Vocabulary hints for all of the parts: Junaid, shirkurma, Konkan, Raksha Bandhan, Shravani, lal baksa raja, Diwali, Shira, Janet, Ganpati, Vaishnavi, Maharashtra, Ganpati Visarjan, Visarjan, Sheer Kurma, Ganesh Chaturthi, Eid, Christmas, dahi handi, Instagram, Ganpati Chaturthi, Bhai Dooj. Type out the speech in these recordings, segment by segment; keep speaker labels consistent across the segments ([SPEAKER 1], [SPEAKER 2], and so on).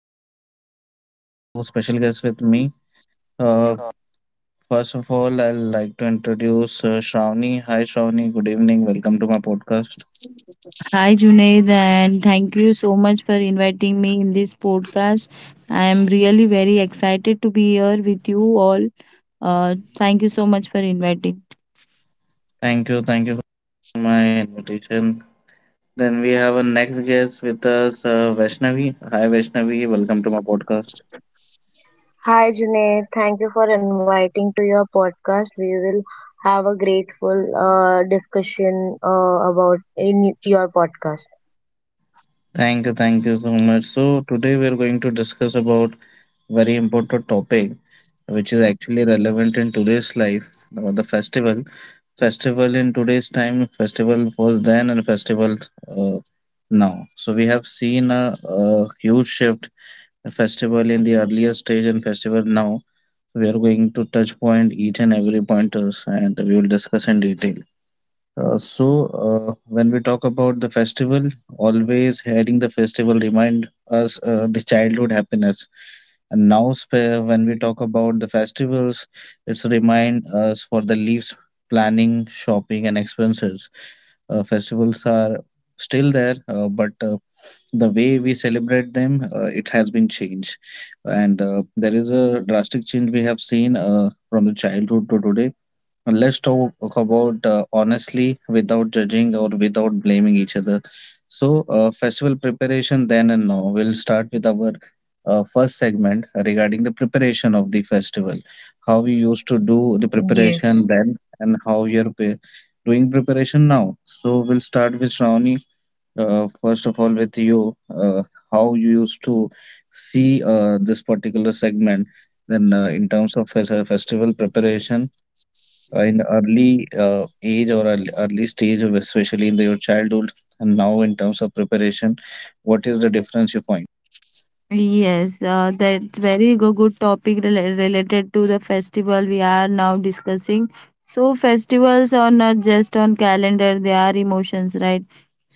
[SPEAKER 1] Today we have two special guests with me. Uh, First of all, I'd like to introduce Shravani. Hi Shravani, good evening. Welcome to my podcast.
[SPEAKER 2] Hi Junaid, and thank you so much for inviting me in this podcast. I am really very excited to be here with you all. Thank you so much for inviting.
[SPEAKER 1] Thank you for my invitation. Then we have a next guest with us, Vaishnavi. Hi Vaishnavi, welcome to my podcast.
[SPEAKER 3] Hi Junaid, thank you for inviting to your podcast. We will have a grateful discussion about in your podcast.
[SPEAKER 1] Thank you so much. So today we are going to discuss about very important topic which is actually relevant in today's life, or the festival in today's time. Festival was then and festival uh, now, so we have seen a huge shift, a festival in the earlier stage and festival now. So, we are going to touch point each and every pointers and we will discuss in detail. uh, so when we talk about the festival, always hearing the festival remind us the childhood happiness, and now, when we talk about the festivals, it's remind us for the leaves, planning, shopping, and expenses. Festivals are still there, but the way we celebrate them, it has been changed, and there is a drastic change we have seen from the childhood to today. Let's talk about honestly, without judging or without blaming each other. So festival preparation then and now, we'll start with our first segment regarding the preparation of the festival. How we used to do the
[SPEAKER 3] Yes,
[SPEAKER 1] preparation then, and how you're doing preparation now, so we'll start with Shravani, first of all with you. How you used to see this particular segment then, in terms of festival preparation in early age or early stage, of especially in the, your childhood, and now in terms of preparation, what is the difference you find?
[SPEAKER 2] Yes, that's very good topic related to the festival we are now discussing. So festivals are not just on calendar; they are emotions, right?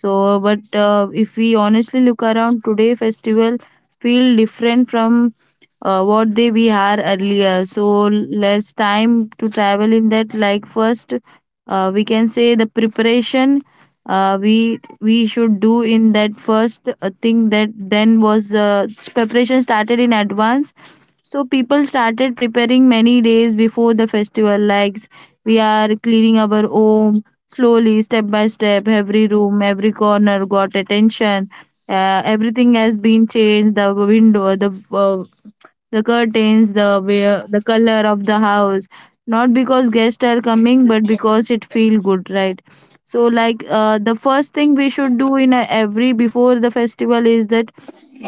[SPEAKER 2] So, but if we honestly look around today, festival feel different from what they we are earlier. So let's time to travel in that. Like first, we can say the preparation, we should do in that first thing that then was, preparation started in advance, so people started preparing many days before the festival, like we are cleaning our home slowly step by step, every room, every corner got attention. Everything has been changed, the window, the curtains, the wear, the color of the house. Not because guests are coming, but because it feel good, right? So, like the first thing we should do in a, every before the festival is that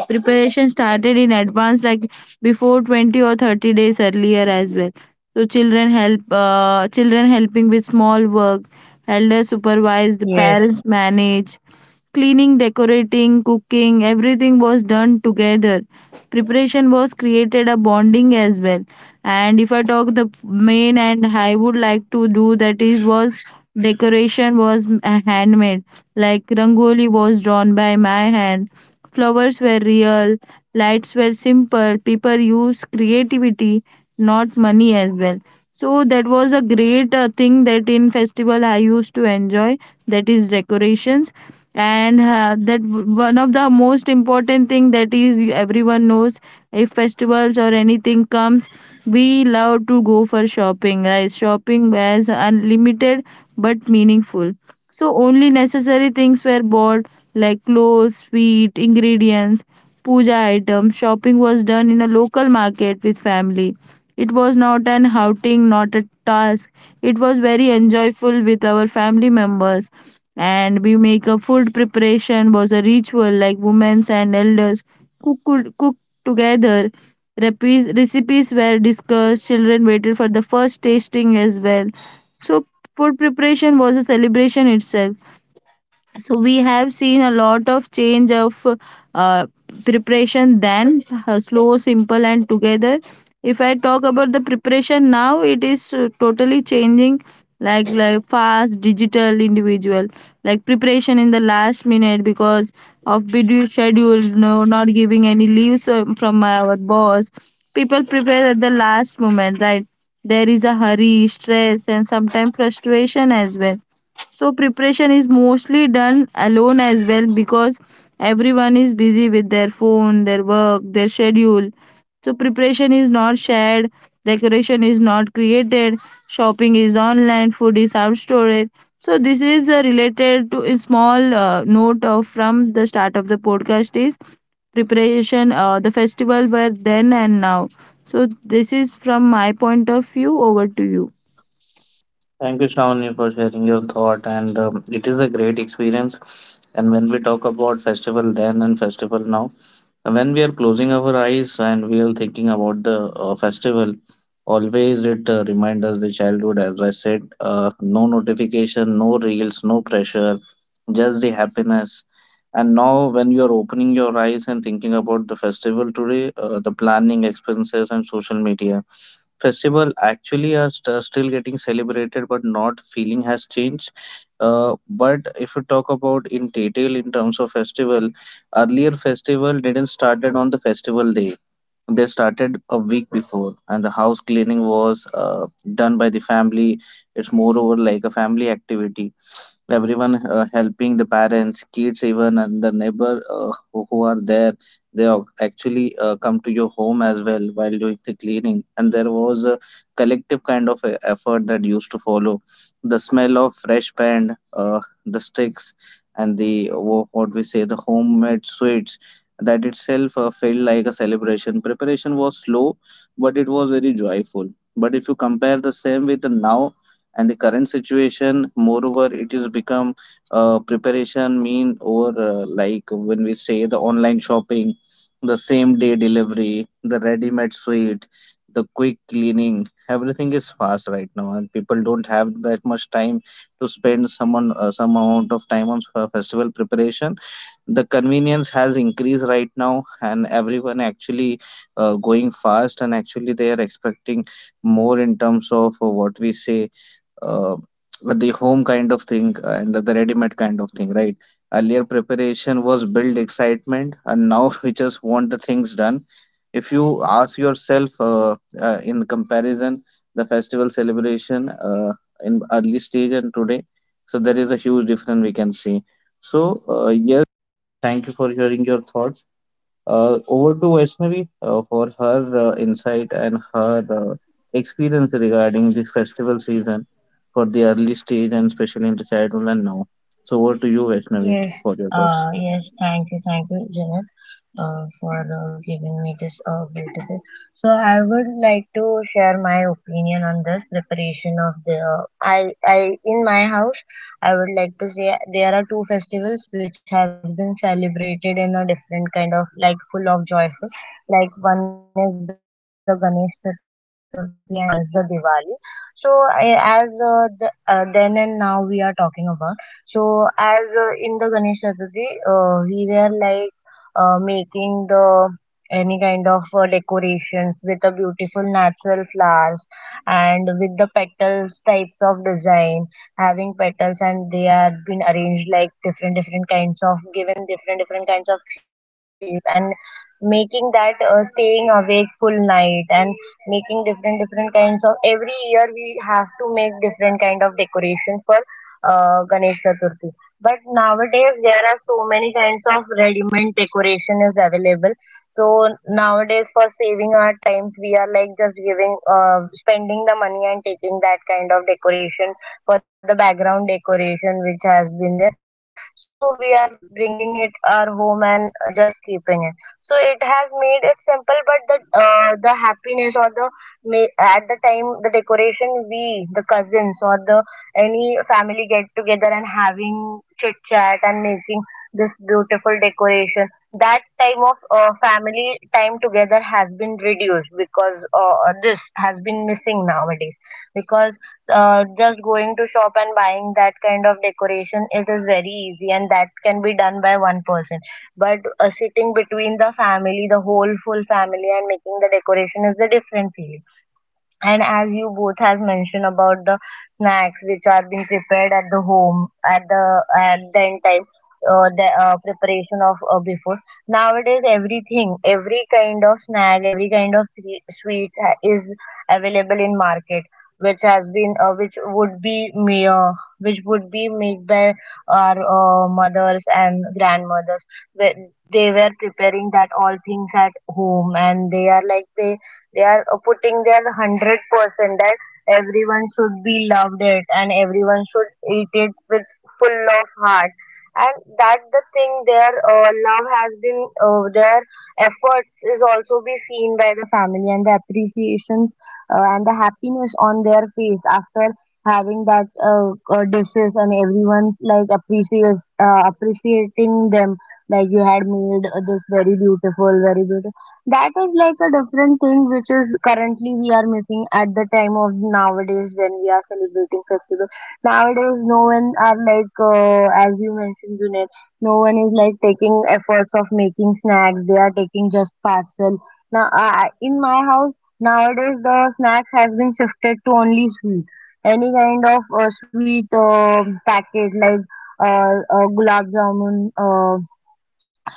[SPEAKER 2] preparation started in advance, like before 20 or 30 days earlier as well. So children help, children helping with small work, elders supervise, the
[SPEAKER 3] yes,
[SPEAKER 2] parents manage, cleaning, decorating, cooking, everything was done together. Preparation was created a bonding as well. And if I talk the main and I would like to do that is was decoration was handmade, like rangoli was drawn by my hand, flowers were real, lights were simple, people used creativity, not money as well. So that was a great thing that in festival I used to enjoy, that is decorations. And one of the most important thing that is everyone knows, if festivals or anything comes, we love to go for shopping, right? Shopping was unlimited but meaningful, so only necessary things were bought, like clothes, sweet ingredients, puja items. Shopping was done in a local market with family. It was not an outing, not a task. It was very enjoyable with our family members. And we make a food preparation was a ritual, like women and elders cook, cook together. Recipes were discussed. Children waited for the first tasting as well. So food preparation was a celebration itself. So we have seen a lot of change of, uh, preparation then, slow simple and together. If I talk about the preparation now, it is totally changing, like fast, digital, individual, like preparation in the last minute because of busy schedule, no not giving any leaves from our boss. People prepare at the last moment, right? There is a hurry, stress and sometimes frustration as well. So preparation is mostly done alone as well, because everyone is busy with their phone, their work, their schedule. So preparation is not shared, decoration is not created, shopping is online, food is out outstored. So this is related to a small note of from the start of the podcast is preparation, the festival were then and now. So this is from my point of view. Over to you.
[SPEAKER 1] Thank you, Shravani, for sharing your thought. And it is a great experience. And when we talk about festival then and festival now, when we are closing our eyes and we are thinking about the festival, always it reminds us the childhood. As I said, no notification, no reels, no pressure, just the happiness. And now when you are opening your eyes and thinking about the festival today, the planning, expenses, and social media, festival actually are still getting celebrated but not feeling has changed. But if you talk about in detail in terms of festival, earlier festival didn't started on the festival day, they started a week before, and the house cleaning was done by the family. It's moreover like a family activity, everyone helping the parents, kids even, and the neighbor who are there, they are actually come to your home as well while doing the cleaning, and there was a collective kind of effort that used to follow. The smell of fresh paint, the sticks, and the what we say the homemade sweets, that itself felt like a celebration. Preparation was slow but it was very joyful. But if you compare the same with the now and the current situation, moreover it is become, preparation mean, or like when we say the online shopping, the same day delivery, the ready made suite, the quick cleaning, everything is fast right now and people don't have that much time to spend someone, some amount of time on festival preparation. The convenience has increased right now, and everyone actually going fast, and actually they are expecting more in terms of what we say, uh, the home kind of thing and the ready-made kind of thing, right? Earlier preparation was build excitement, and now we just want the things done. If you ask yourself, in comparison, the festival celebration in early stage and today, so there is a huge difference we can see. So yes, thank you for sharing your thoughts. Over to Vaishnavi for her insight and her experience regarding the festival season for the early stage and especially in the childhood and now. So over to you,
[SPEAKER 3] yes.
[SPEAKER 1] Vaishnavi, for your thoughts.
[SPEAKER 3] Yes, thank you, Janet, for giving me this beautiful. So I would like to share my opinion on this preparation of the. I in my house, I would like to say there are two festivals which has been celebrated in a different kind of like full of joyful. Like one is the Ganesh Chaturthi and one is the Diwali. So I, as the, then and now we are talking about. So as in the Ganesh Chaturthi, we were like making the any kind of decorations with the beautiful natural flowers and with the petals types of design having petals and they are been arranged like different different kinds of given different different kinds of shape and making that staying awake full night and making different different kinds of every year we have to make different kind of decoration for Ganesh Chaturthi, but nowadays kinds of ready-made decoration is available. So nowadays, for saving our times, we are like just giving, spending the money and taking that kind of decoration for the background decoration which has been there. So we are bringing it our home and just keeping it. So it has made it simple, but the happiness or the ma- at the time the decoration we the cousins or any family get together and having chit chat and making this beautiful decoration, that time of family time together has been reduced because this has been missing nowadays, because just going to shop and buying that kind of decoration it is very easy and that can be done by one person. But sitting between the family the whole full family and making the decoration is a different feeling. And as you have mentioned about the snacks which are being prepared at the home at the end time, the preparation of before, nowadays everything, every kind of snack, every kind of sweet is available in market, which has been which would be made by our mothers and grandmothers. Wh- were preparing that all things at home, and they are like they are putting their 100% that everyone should be loved it and everyone should eat it with full of heart. And that the thing their love has been their efforts is also be seen by the family and the appreciations and the happiness on their face after having that dishes and everyone's like appreciate appreciating them like you had made this very beautiful very beautiful, that is like a different thing which is currently we are missing at the time of nowadays when we are celebrating festival. Nowadays, no one are like, as you mentioned, Junaid, no one is like taking efforts of making snacks. They are taking just parcel. Now, I, in my house, nowadays the snacks has been shifted to only sweet. Any kind of sweet packet like gulab jamun,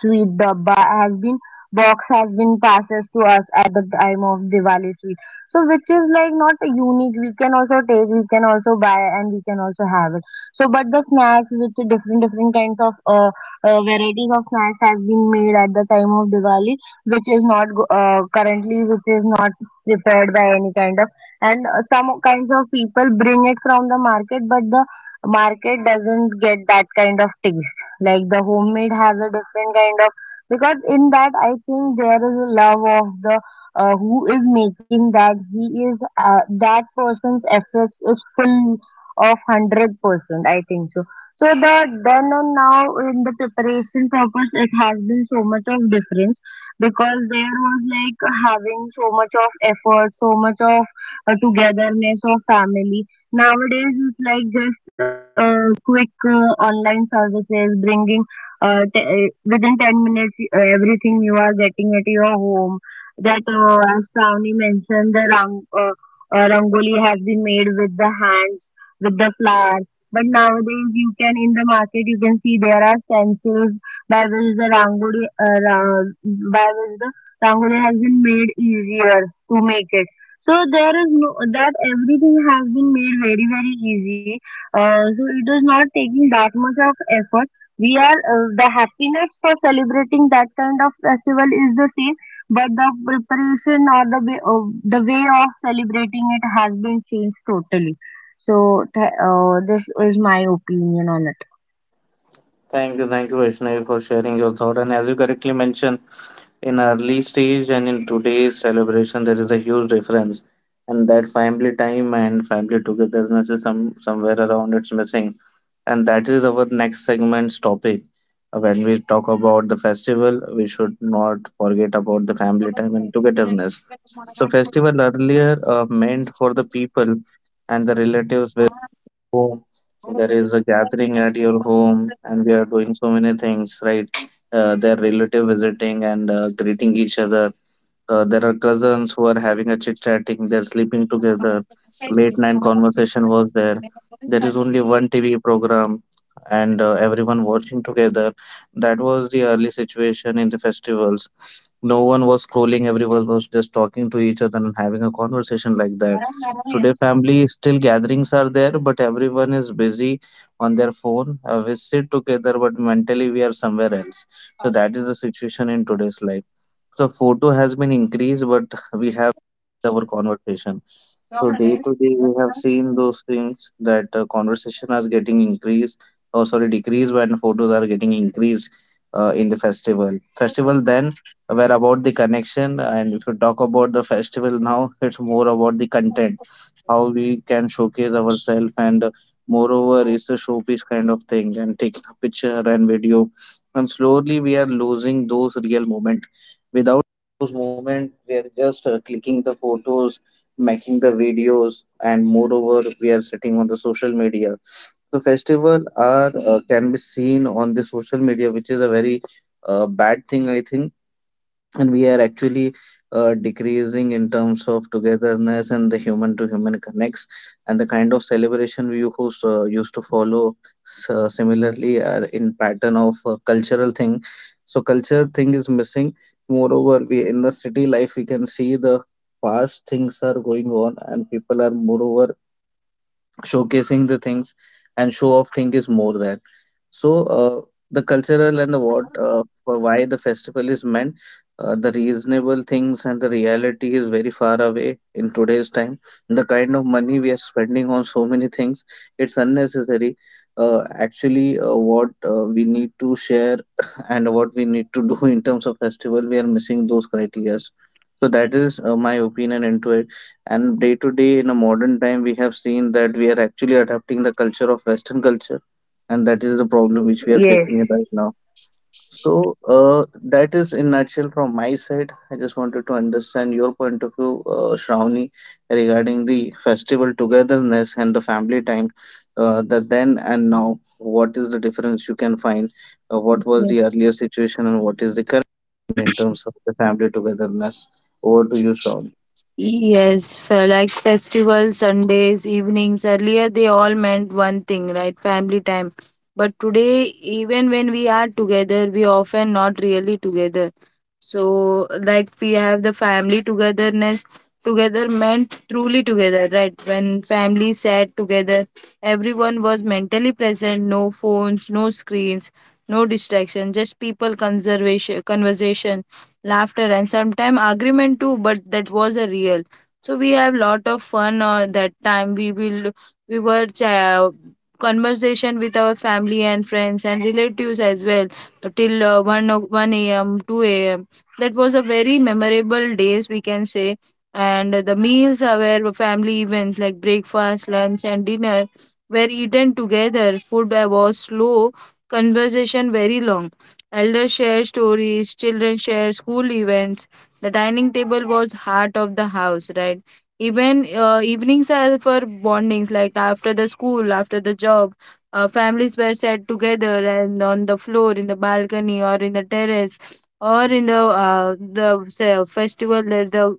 [SPEAKER 3] Sweet Dabba has been box has been passes to us at the time of Diwali sweet. So which is like not a unique. We can also take, we can also buy, and we can also have it. So but the snacks, which are different different kinds of varieties of snacks has been made at the time of Diwali, which is not go- currently which is not prepared by any kind of. And some kinds of people bring it from the market, but the market doesn't get that kind of taste like the homemade has a different kind of, because in that I think there is a love of the who is making that he is that person's efforts is full of 100%. I think so. So the then and now in the preparation purpose it has been so much of difference, because there was like having so much of effort, so much of togetherness of family. Nowadays it's like just quick online services bringing within 10 minutes everything you are getting at your home. That as Shravani mentioned the rangoli has been made with the hands with the flower, but nowadays you can in the market you can see there are stencils by which the by which the rangoli has been made easier to make it. So there is no that everything has been made very very easy, so it is not taking that much of effort. We are the happiness for celebrating that kind of festival is the same, but the preparation or the way of celebrating it has been changed totally. So this is my opinion on it.
[SPEAKER 1] Thank you, Vaishnavi, for sharing your thought. And as you correctly mentioned, in early stage and in today's celebration, there is a huge difference, and that family time and family togetherness is somewhere around it's missing, and that is our next segment's topic. When we talk about the festival, we should not forget about the family time and togetherness. So, festival earlier meant for the people and the relatives with whom there is a gathering at your home, and we are doing so many things, right? Their relative visiting and greeting each other, there are cousins who are having a chit chatting, they're sleeping together. Late night conversation was there. There is only one TV program and everyone watching together. That was the early situation in the festivals. No one was scrolling, everyone was just talking to each other and having a conversation like that. Today family still gatherings are there but everyone is busy on their phone. We sit together but mentally we are somewhere else. So that is the situation in today's life. So photo has been increased but we have our conversation. So day to day we have seen those things that conversation is getting increased, or sorry, decreased when photos are getting increased. In the festival then were about the connection. And if you talk about the festival now, it's more about the content, how we can showcase ourselves, and moreover, it's a showpiece kind of thing, and taking a picture and video. And slowly, we are losing those real moment. Without those moment, we are just clicking the photos, making the videos, and moreover, we are sitting on the social media. So festival are can be seen on the social media, which is a very bad thing, I think. And we are actually decreasing in terms of togetherness and the human to human connects, and the kind of celebration we used to follow, similarly are in pattern of cultural thing. So culture thing is missing. Moreover we in the city life we can see the fast things are going on, and people are moreover showcasing the things, and show off thing is more that. So the cultural and the what for why the festival is meant, the reasonable things and the reality is very far away in today's time. The kind of money we are spending on so many things, it's unnecessary. Actually what we need to share and what we need to do in terms of festival, we are missing those criterias. So that is my opinion into it. And day to day in a modern time, we have seen that we are actually adapting the culture of Western culture, and that is the problem which we are
[SPEAKER 3] Yes.
[SPEAKER 1] facing it right now. So, that is in nutshell from my side. I just wanted to understand your point of view, Shravani, regarding the festival togetherness and the family time. The then and now, what is the difference you can find? What was the earlier situation and what is the current in terms of the family togetherness? Over to you, Shravani.
[SPEAKER 2] Yes, for like festivals, Sundays, evenings. Earlier, they all meant one thing, right? Family time. But today, even when we are together, we often not really together. So, like we have the family togetherness. Together meant truly together, right? When family sat together, everyone was mentally present. No phones, no screens, no distraction. Just people conservation, conversation, laughter and sometimes agreement too, but that was a real. So we have lot of fun, that time we were ch- conversation with our family and friends and relatives as well, till 1 a.m, 2 a.m. That was a very memorable days we can say. And the meals are were family events, like breakfast, lunch and dinner were eaten together. Food was slow, conversation very long. Elders share stories, children share school events. The dining table was heart of the house, right? Even evenings are for bondings, like after the school, after the job. Families were sat together and on the floor, in the balcony, or in the terrace, or in the say, festival that the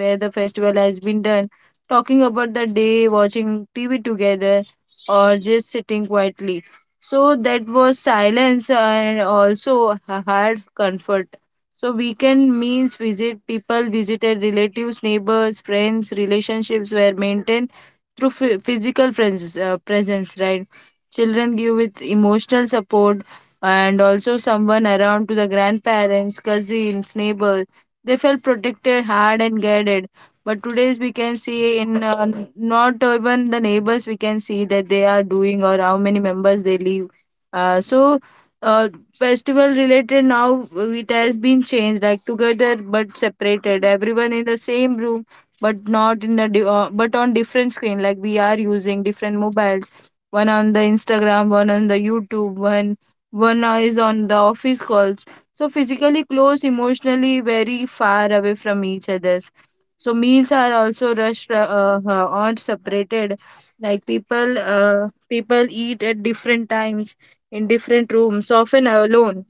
[SPEAKER 2] where the festival has been done, talking about the day, watching TV together, or just sitting quietly. So that was silence and also hard comfort. So weekend means visit people, visited relatives, neighbors, friends. Relationships were maintained through physical presence, presence, right? Children give with emotional support and also someone around to the grandparents, cousins, neighbors. They felt protected, hard and guided. But today's we can see in, not even the neighbors we can see that they are doing or how many members they leave. So uh, festival related now, it has been changed, like together but separated. Everyone in the same room, but not in the but on different screen, like we are using different mobiles, one on the instagram, one on the youtube, one is on the office calls. So physically close, emotionally very far away from each other. So meals are also rushed, or separated. Like people, people eat at different times in different rooms, often alone.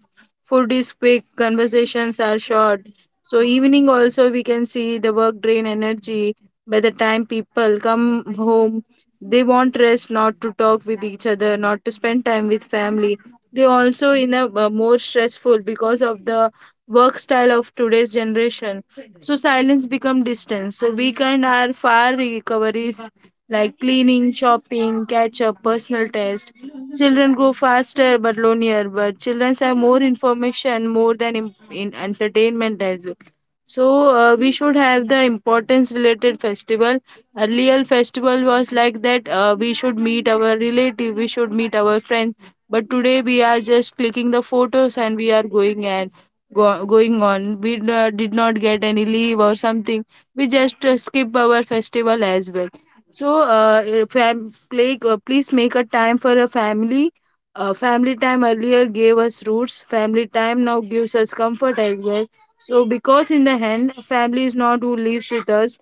[SPEAKER 2] Food is quick, conversations are short. So evening also we can see the work drain energy. By the time people come home, they want rest, not to talk with each other, not to spend time with family. They also in a more stressful because of the work style of today's generation. So silence become distance. So weekend are far recoveries, like cleaning, shopping, catch up, personal test. Children grow faster but lonelier, but children have more information, more than in entertainment as well. So we should have the importance related festival. Earlier festival was like that, we should meet our relative, we should meet our friends. But today we are just clicking the photos and we are going and going on. We did not get any leave or something. We just skip our festival as well. So, if I'm play, please make a time for a family. Family time earlier gave us roots. Family time now gives us comfort as well. So, because in the end, family is not who lives with us.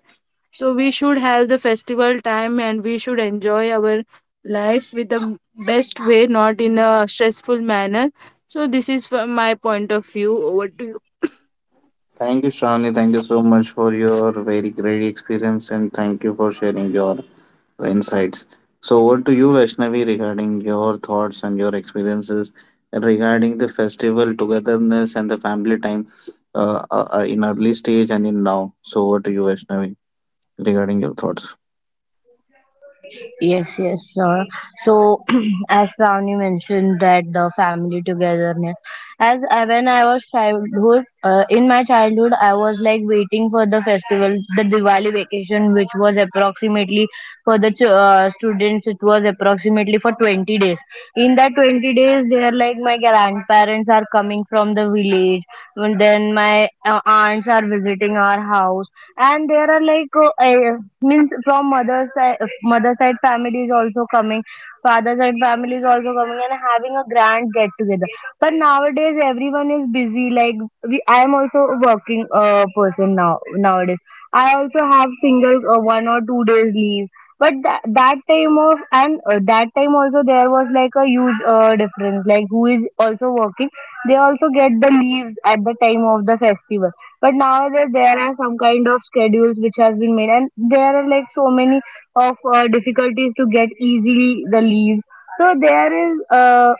[SPEAKER 2] So, we should have the festival time and we should enjoy our life with the best way, not in a stressful manner. So, this is from my point of view. What do you?
[SPEAKER 1] Thank you, Shravani. Thank you so much for your very great experience and thank you for sharing your insights. So, over to you, Vaishnavi, regarding your thoughts and your experiences regarding the festival togetherness and the family time in early stage and in now. So, over to you, Vaishnavi, regarding your thoughts.
[SPEAKER 3] Yes, yes, sure. So, as Ravni mentioned that the family togetherness, as I, when I was childhood, in my childhood, I was like waiting for the festival, the Diwali vacation, which was approximately for the students, it was approximately for 20 days. In 20 days, they are like my grandparents are coming from the village, and then my aunts are visiting our house, and there are like means from mother side family is also coming, father side family is also coming and having a grand get together. But nowadays everyone is busy like we, I am also a working person now nowadays. I also have single 1 or 2 days leave, but that time of and that time also there was like a huge difference like who is also working, they also get the leaves at the time of the festival. But nowadays there are some kind of schedules which has been made, and there are like so many of difficulties to get easily the leaves. So there is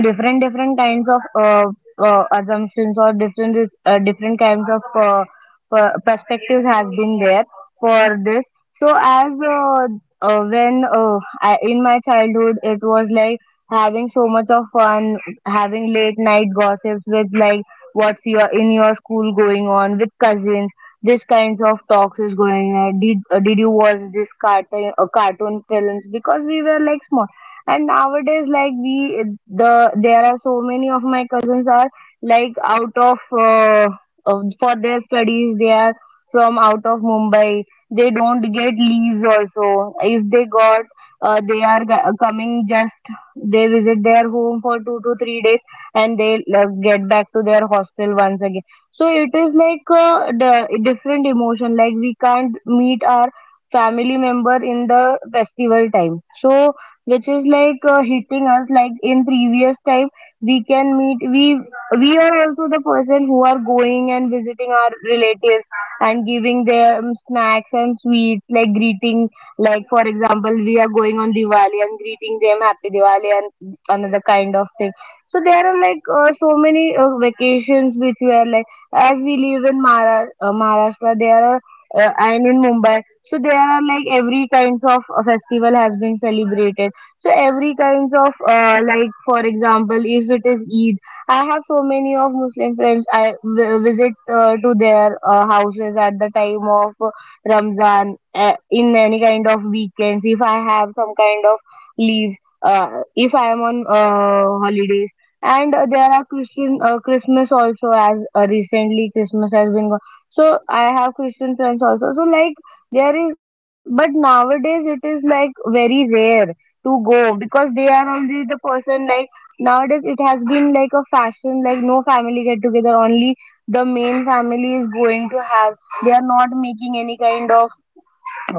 [SPEAKER 3] different different kinds of assumptions or different kinds of perspectives has been there for this. So as when I, in my childhood it was like having so much of fun, having late night gossips with like what's your in your school going on with cousins, this kinds of talks is going on. Did you watch this cartoon films, because we were like small. And nowadays, like we, the there are so many of my cousins are like out of for their studies. They are from out of Mumbai. They don't get leaves also. If they got, they are coming just they visit their home for 2 to 3 days and they get back to their hostel once again. So it is like the different emotion. Like we can't meet our family member in the festival time. So which is like hitting us like in previous time we can meet, we are also the person who are going and visiting our relatives and giving them snacks and sweets like greeting, like for example we are going on Diwali and greeting them happy Diwali and another kind of thing. So there are like so many vacations which we are like as we live in Mara Maharashtra, there are and in Mumbai. So there are like every kinds of festival has been celebrated. So every kinds of like for example, if it is Eid, I have so many of Muslim friends. I visit to their houses at the time of Ramzan in any kind of weekends. If I have some kind of leaves, if I am on holidays, and there are Christian Christmas also, as recently Christmas has been. So I have Christian friends also. So like there is, but nowadays it is like very rare to go because they are only the person like nowadays it has been like a fashion like no family get together, only the main family is going to have. They are not making any kind of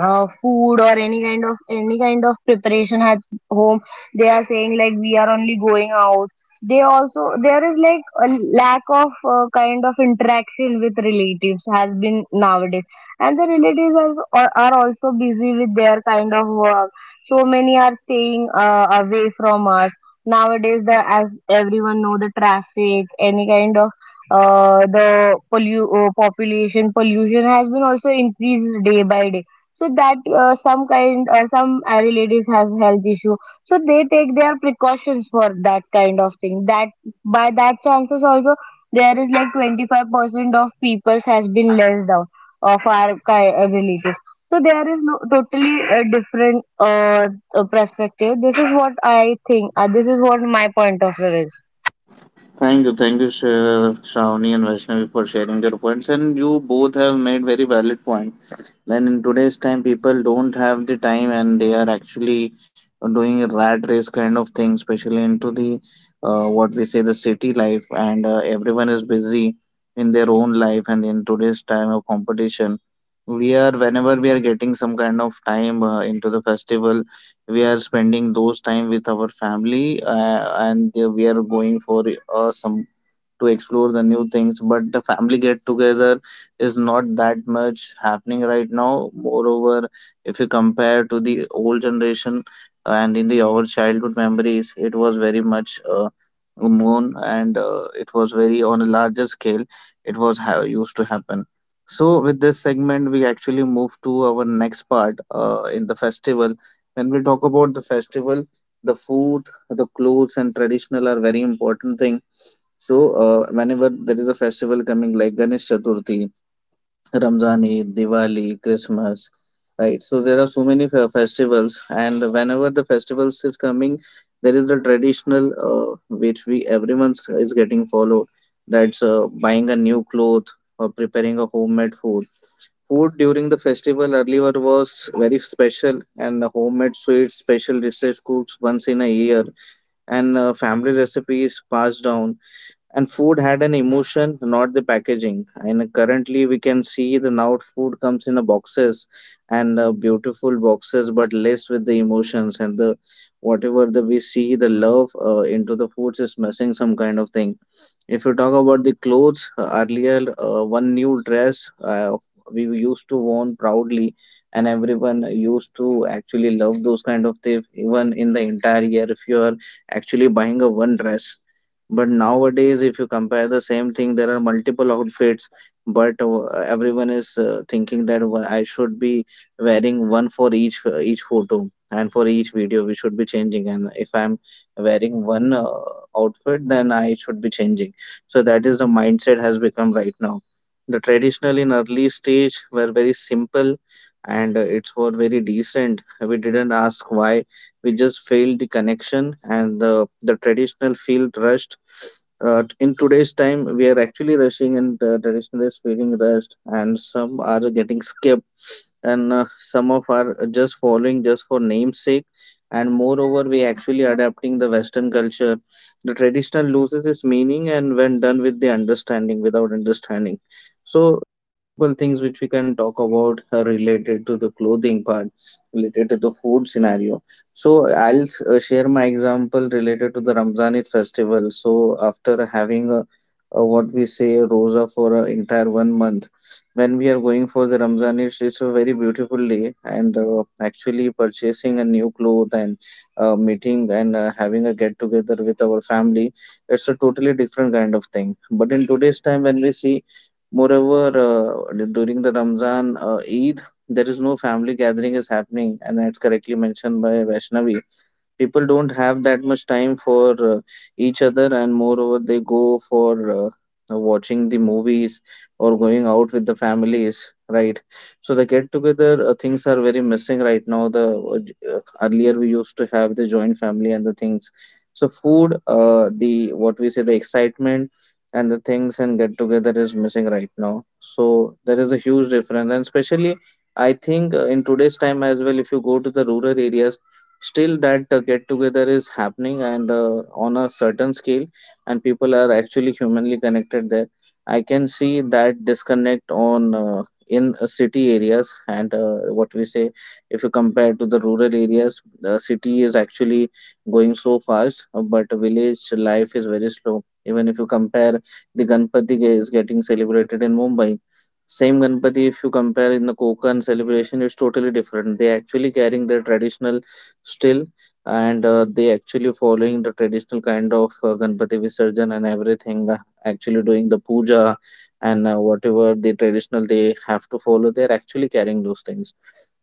[SPEAKER 3] food or any kind of preparation at home. They are saying like we are only going out. They also there is like a lack of kind of interaction with relatives has been nowadays. And the relatives are also busy with their kind of work, so many are staying away from us nowadays. The as everyone know, the traffic, any kind of population pollution has been also increased day by day. So that some relatives have health issue, so they take their precautions for that kind of thing, that by that chances also there is like 25% of people has been less down of our relatives. So there is no totally different perspective. This is what I think. This is what my point of view is.
[SPEAKER 1] Thank you, Shravani and Vaishnavi, for sharing your points. And you both have made very valid points. Then in today's time people don't have the time, and they are actually doing a rat race kind of thing, especially into the what we say the city life, and everyone is busy in their own life, and in today's time of competition, we are whenever we are getting some kind of time into the festival, we are spending those time with our family, and we are going for some to explore the new things, but the family get together is not that much happening right now. Moreover, if you compare to the old generation and in the our childhood memories, it was very much moon, and it was very on a larger scale. It was how used to happen. So with this segment, we actually move to our next part in the festival. When we talk about the festival, the food, the clothes, and traditional are very important thing. So whenever there is a festival coming like Ganesh Chaturthi, Ramzan, Eid, Diwali, Christmas, right? So there are so many festivals, and whenever the festivals is coming, there is a traditional which we everyone is getting followed. That's buying a new cloth or preparing a homemade food. Food during the festival earlier was very special, and homemade sweets, special dishes cooked once in a year, and family recipes passed down. And food had an emotion, not the packaging. And currently, we can see the now food comes in a boxes and beautiful boxes, but less with the emotions and the whatever the we see the love into the foods is missing some kind of thing. If you talk about the clothes, earlier one new dress we used to worn proudly, and everyone used to actually love those kind of things. Even in the entire year, if you are actually buying a one dress but nowadays, if you compare the same thing, there are multiple outfits, but everyone is thinking that I should be wearing one for each photo and for each video we should be changing. And if I'm wearing one outfit, then I should be changing. So that is the mindset has become right now. The traditional in early stage were very simple and it's were very decent. We didn't ask why. We just felt the connection and the traditional feel rushed in today's time, we are actually rushing, and the traditional is feeling rushed, and some are getting skipped and some of are just following just for namesake. And moreover, we actually adapting the Western culture. The traditional loses its meaning, and when done with the understanding, without understanding, so multiple things which we can talk about are related to the clothing part, related to the food scenario. So I'll share my example related to the Ramzanid festival. So after having a what we say rosa for an entire 1 month, when we are going for the Ramzan, it's a very beautiful day, and actually purchasing a new cloth and meeting and having a get together with our family, it's a totally different kind of thing. But in today's time, when we see, moreover, during the Ramzan Eid, there is no family gathering is happening, and that's correctly mentioned by Vaishnavi, people don't have that much time for each other, and moreover they go for uh, watching the movies or going out with the families, right? So the get together things are very missing right now. The uh, earlier we used to have the joint family and the things, so food the what we say the excitement and the things and get together is missing right now. So there is a huge difference, and especially I think in today's time as well, if you go to the rural areas, still that get together is happening, and on a certain scale, and people are actually humanly connected there. I can see that disconnect on in city areas, and what we say, if you compare to the rural areas, the city is actually going so fast, but village life is very slow. Even if you compare, the Ganpati is getting celebrated in Mumbai, same Ganpati if you compare in the Konkan celebration, it's totally different. They actually carrying their traditional still, and they actually following the traditional kind of Ganpati Visarjan, and everything, actually doing the puja, and whatever the traditional they have to follow, they are actually carrying those things.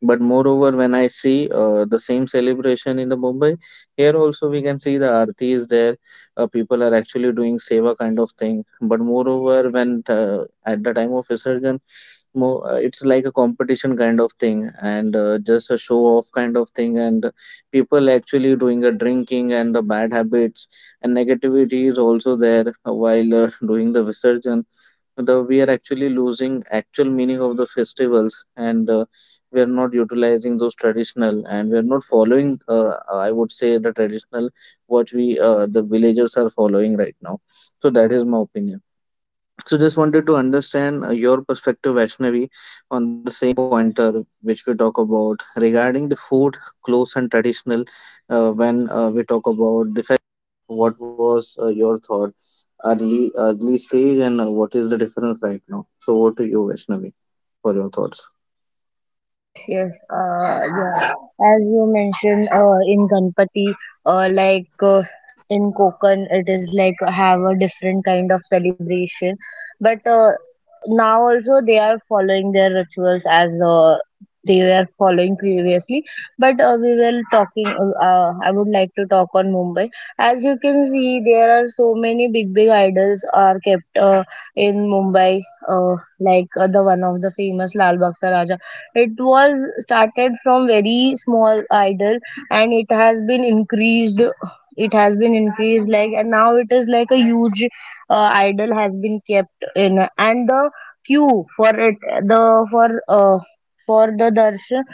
[SPEAKER 1] But moreover, when I see the same celebration in the Mumbai, here also we can see the aarti is there. People are actually doing seva kind of thing, but moreover when at the time of Visarjan, more it's like a competition kind of thing, and just a show off kind of thing, and people actually doing a drinking and the bad habits, and negativity is also there while doing the Visarjan. The we are actually losing actual meaning of the festivals, and we are not utilizing those traditional, and we are not following, I would say, the traditional what we the villagers are following right now. So that is my opinion. So just wanted to understand your perspective, Vaishnavi, on the same pointer which we talk about regarding the food, clothes, and traditional. When we talk about the, what was your thought early stage, and what is the difference right now? So over to you, Vaishnavi, for your thoughts.
[SPEAKER 3] Yes, yes. Yeah. As you mentioned, in Ganpati, uh, like uh, in Konkan, it is like have a different kind of celebration. But now also they are following their rituals as they were following previously. But we will talking, I would like to talk on Mumbai. As you can see, there are so many big big idols are kept in Mumbai, the one of the famous Lal Baksa Raja. It was started from very small idol and it has been increased. It has been increased like, and now it is like a huge idol has been kept in. And the queue for it, the for uh for the darshan,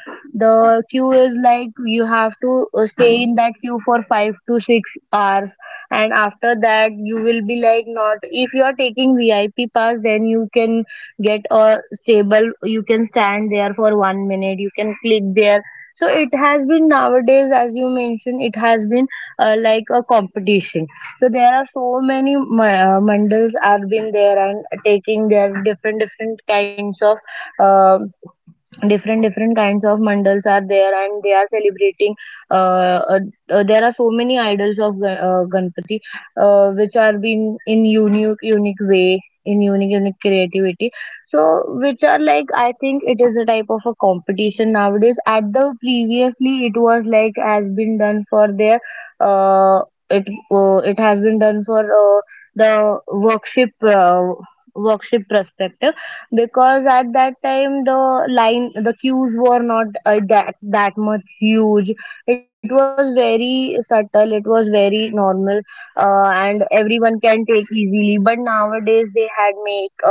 [SPEAKER 3] the queue is like you have to stay in that queue for 5 to 6 hours. And after that you will be like not, if you are taking VIP pass, then you can get a stable, you can stand there for 1 minute, you can click there. So it has been nowadays, as you mentioned, it has been like a competition. So there are so many mandals have been there and taking their different different kinds of uh, mandals are there, and they are celebrating, uh, uh, there are so many idols of ganpati, which are being in unique unique way, in unique unique creativity. So which are like, I think it is a type of a competition nowadays, at the previously it was like has been done for their, uh, it it has been done for the worship perspective. Because at that time, the line the queues were not that much huge. It was very subtle, it was very normal. And everyone can take easily, but nowadays they had make a,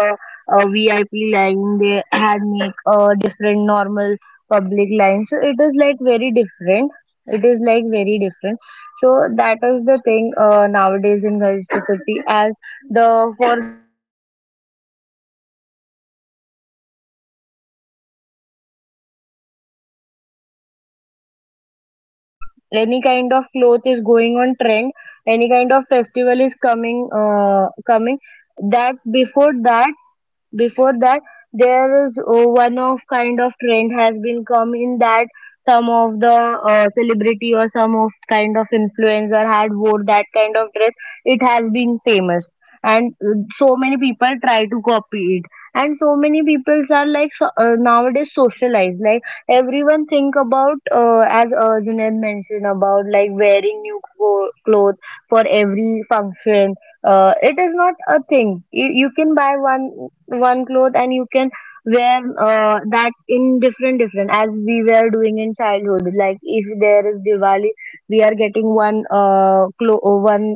[SPEAKER 3] a VIP line. They had make a different normal public line, so it is like very different, it is like very different. So that is the thing, nowadays in Gulf City. As the for if you will say for the cloth perspective, if you are going to say about cloth perspective, perspective, there are like nowadays any kind of cloth is going on trend, any kind of festival is coming that, before that, before that, there is one of kind of trend has been come in that. Some of the celebrity or some of kind of influencer had wore that kind of dress, it has been famous, and so many people try to copy it. And so many people are like, so, nowadays socialized, like everyone think about as Junaid mentioned about, like wearing new clothes for every function. It is not a thing, you can buy one one cloth and you can wear that in different, as we were doing in childhood. Like if there is Diwali, we are getting one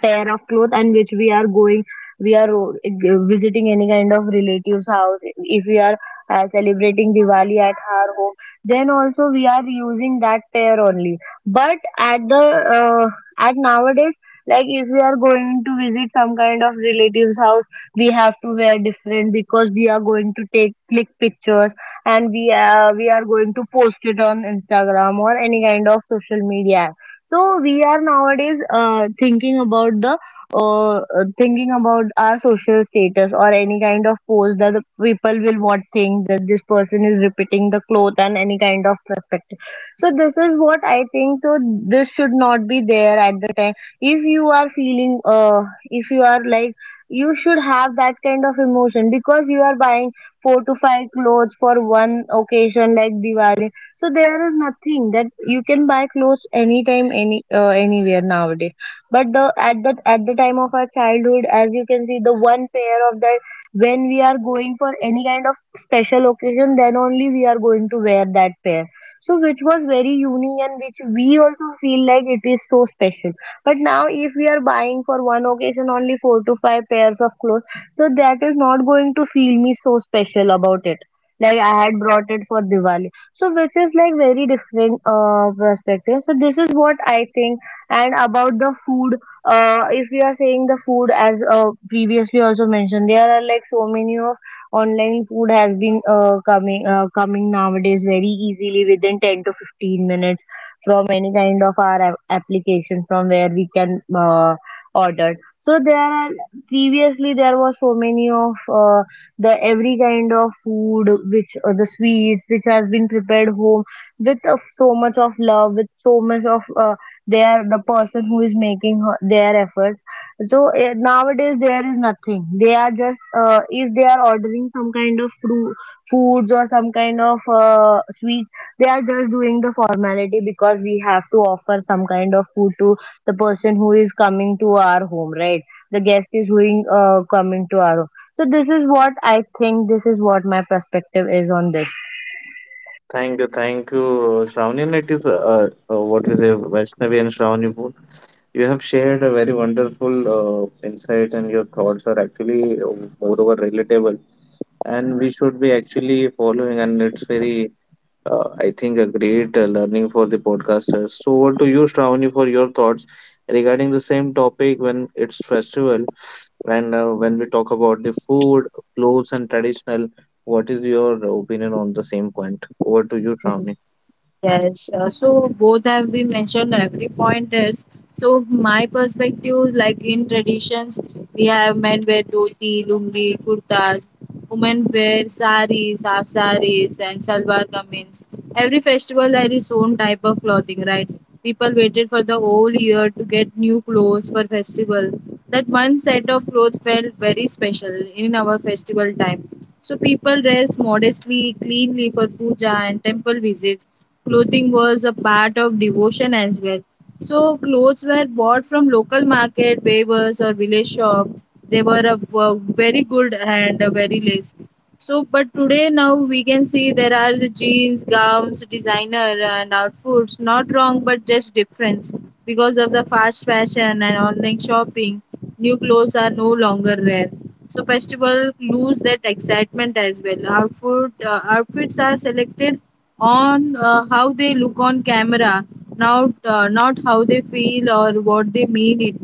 [SPEAKER 3] pair of clothes, and which we are going, we are visiting any kind of relatives house. If we are celebrating Diwali at our home, then also we are using that pair only. But at the uh, at nowadays, like if we are going to visit some kind of relatives house, we have to wear different because we are going to take click pictures, and we are going to post it on Instagram or any kind of social media. So we are nowadays thinking about the, thinking about our social status or any kind of pose, that the people will what think that this person is repeating the cloth and any kind of perspective. So this is what I think. So this should not be there at the time. If you are feeling, if you are like, you should have that kind of emotion, because you are buying four to five clothes for one occasion like Diwali. So there is nothing that you can buy clothes anytime, anywhere nowadays. But the, at that, at the time of our childhood, as you can see, the one pair of that, when we are going for any kind of special occasion, then only we are going to wear that pair. So which was very unique, and which we also feel like it is so special. But now if we are buying for one occasion only four to five pairs of clothes, so that is not going to feel me so special about it, like I had brought it for Diwali. So which is like very different perspective, so this is what I think. And about the food, if we are saying the food, as previously also mentioned, there are like so many of online food has been coming nowadays very easily, within 10 to 15 minutes, from any kind of our application, from where we can order. So there are, previously there was so many of the every kind of food, which or the sweets, which has been prepared home, with of so much of love, with so much of their, the person who is making their efforts. So nowadays there is nothing, they are just, if they are ordering some kind of foods or some kind of sweets, they are just doing the formality, because we have to offer some kind of food to the person who is coming to our home, right? The guest is, who is coming to our, so this is what I think. This is what my perspective is on this.
[SPEAKER 1] Thank you, Shravani. And it is what is it, Vaishnavi and Shravani both. You have shared a very wonderful insight, and your thoughts are actually moreover relatable, and we should be actually following, and it's very I think a great learning for the podcasters. So over to you, Shravani, for your thoughts regarding the same topic. When it's festival, and when we talk about the food, clothes, and traditional, what is your opinion on the same point? Over to you, Shravani.
[SPEAKER 2] Yes, so both have been mentioned. Every point is so. My perspective, like in traditions, we have men wear dhoti, lungi, kurtas, women wear saris, half saris, and salwar kameez. Every festival had its own type of clothing, right? People waited for the whole year to get new clothes for festival. That one set of clothes felt very special in our festival time. So people dress modestly, cleanly for puja and temple visit. Clothing was a part of devotion as well. So clothes were bought from local market, weavers or village shop. They were a, were very good and very less. So, but today now we can see there are the jeans, gowns, designer, and outfits. Not wrong, but just different because of the fast fashion and online shopping. New clothes are no longer rare. So festival lose that excitement as well. Outfits are selected on how they look on camera, not how they feel or what they mean it.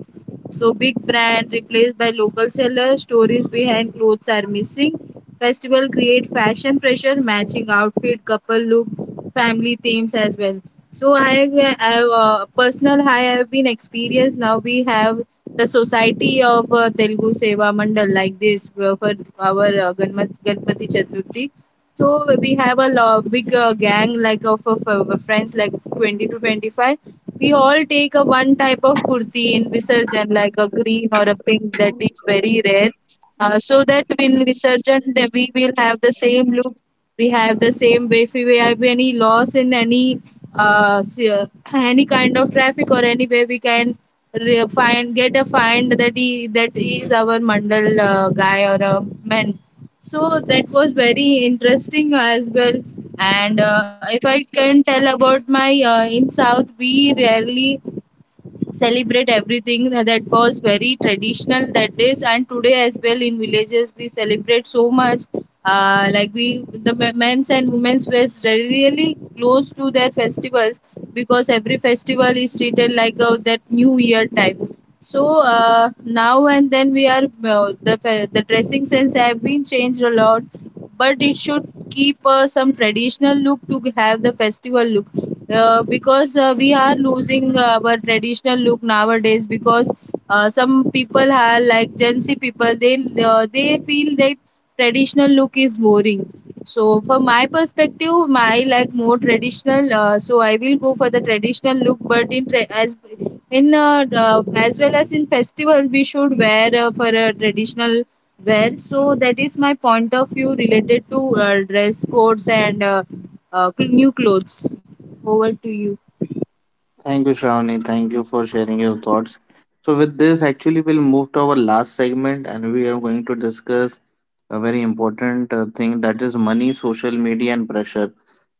[SPEAKER 2] So big brand replaced by local seller, stories behind clothes are missing. Festival create fashion pressure, matching outfit, couple look, family themes as well. So I personal I have been experienced. Now we have the society of Telugu Seva Mandal like this, for our Ganpati Chaturthi. So we have a big gang like of friends, like 20 to 25. We all take a one type of kurti in Visarjan, like a green or a pink, that is very rare. So that in Visarjan that we will have the same look. We have the same way. If we have any loss in any, uh, s- uh, any kind of traffic or anywhere we can re- find get a find that he that is our mandal, guy or a man. So that was very interesting as well. And if I can tell about my, in South, we rarely celebrate everything that was very traditional that is, and today as well in villages we celebrate so much. Like we, the men's and women's were really close to their festivals, because every festival is treated like a, that new year type. So now and then we are the dressing sense have been changed a lot, but it should keep some traditional look to have the festival look. Because we are losing our traditional look nowadays because some people are like Gen Z people, they feel that traditional look is boring. So from my perspective, my like more traditional. So I will go for the traditional look, but in tra- as in as well as in festival, we should wear for a traditional wear. So that is my point of view related to dress codes and new clothes. Over to you.
[SPEAKER 1] Thank you, Shravani. Thank you for sharing your thoughts. So, with this, actually, we'll move to our last segment, and we are going to discuss a very important thing, that is money, social media, and pressure.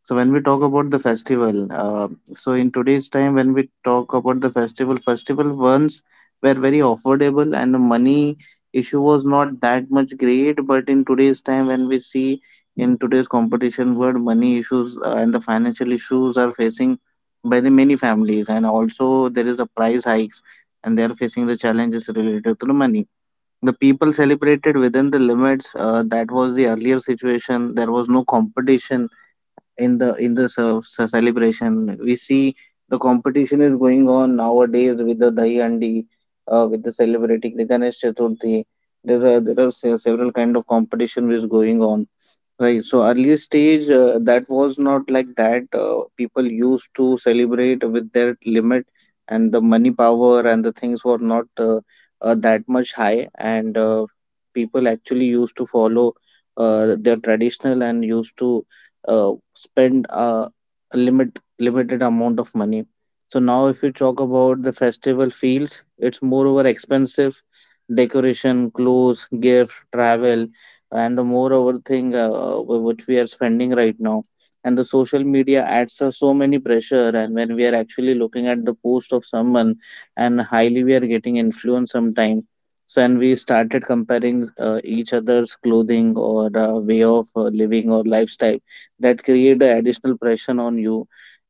[SPEAKER 1] So when we talk about the festival, so in today's time, when we talk about the festival, festival ones were very affordable, and the money issue was not that much great. But in today's time, when we see in today's competition world, money issues and the financial issues are facing by the many families, and also there is a price hikes, and they are facing the challenges related to the money. The people celebrated within the limits. That was the earlier situation. There was no competition in the celebration. We see the competition is going on nowadays with the dahi handi, with the celebrating the Ganesh Chaturthi. There are several kind of competition which is going on. Right. So early stage, that was not like that. People used to celebrate with their limit, and the money power and the things were not that much high. And people actually used to follow their traditional, and used to spend a limited amount of money. So now, if you talk about the festival feels, it's moreover expensive, decoration, clothes, gift, travel, and the moreover thing which we are spending right now. And the social media adds us so many pressure, and when we are actually looking at the post of someone, and highly we are getting influenced sometime. So and we started comparing each other's clothing or way of living or lifestyle, that create a additional pressure on you.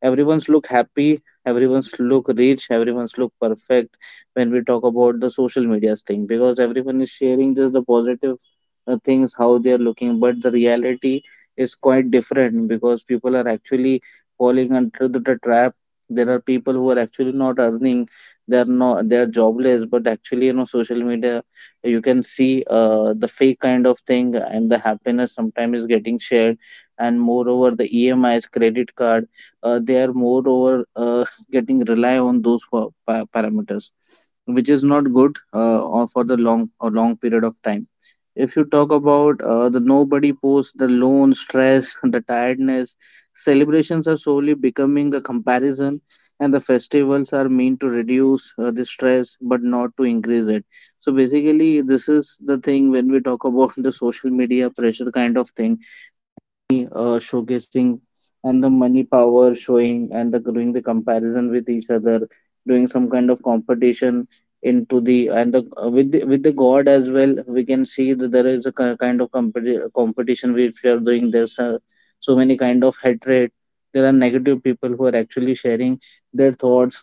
[SPEAKER 1] Everyone's look happy, everyone's look rich, everyone's look perfect, when we talk about the social media's thing, because everyone is sharing just the positive things, how they are looking, but the reality is quite different, because people are actually falling under the trap. There are people who are actually not earning, they are not they are jobless, but actually, you know, social media, you can see the fake kind of thing, and the happiness sometimes is getting shared. And moreover, the E M is credit card, they are moreover getting rely on those parameters, which is not good or for the long or long period of time. If you talk about the nobody post, the lone stress, the tiredness, celebrations are solely becoming a comparison, and the festivals are meant to reduce the stress, but not to increase it. So basically, this is the thing when we talk about the social media pressure kind of thing, showcasing and the money power showing and the doing the comparison with each other, doing some kind of competition into the and the with the god as well. We can see that there is a kind of competition which we are doing. There's so many kind of hatred. There are negative people who are actually sharing their thoughts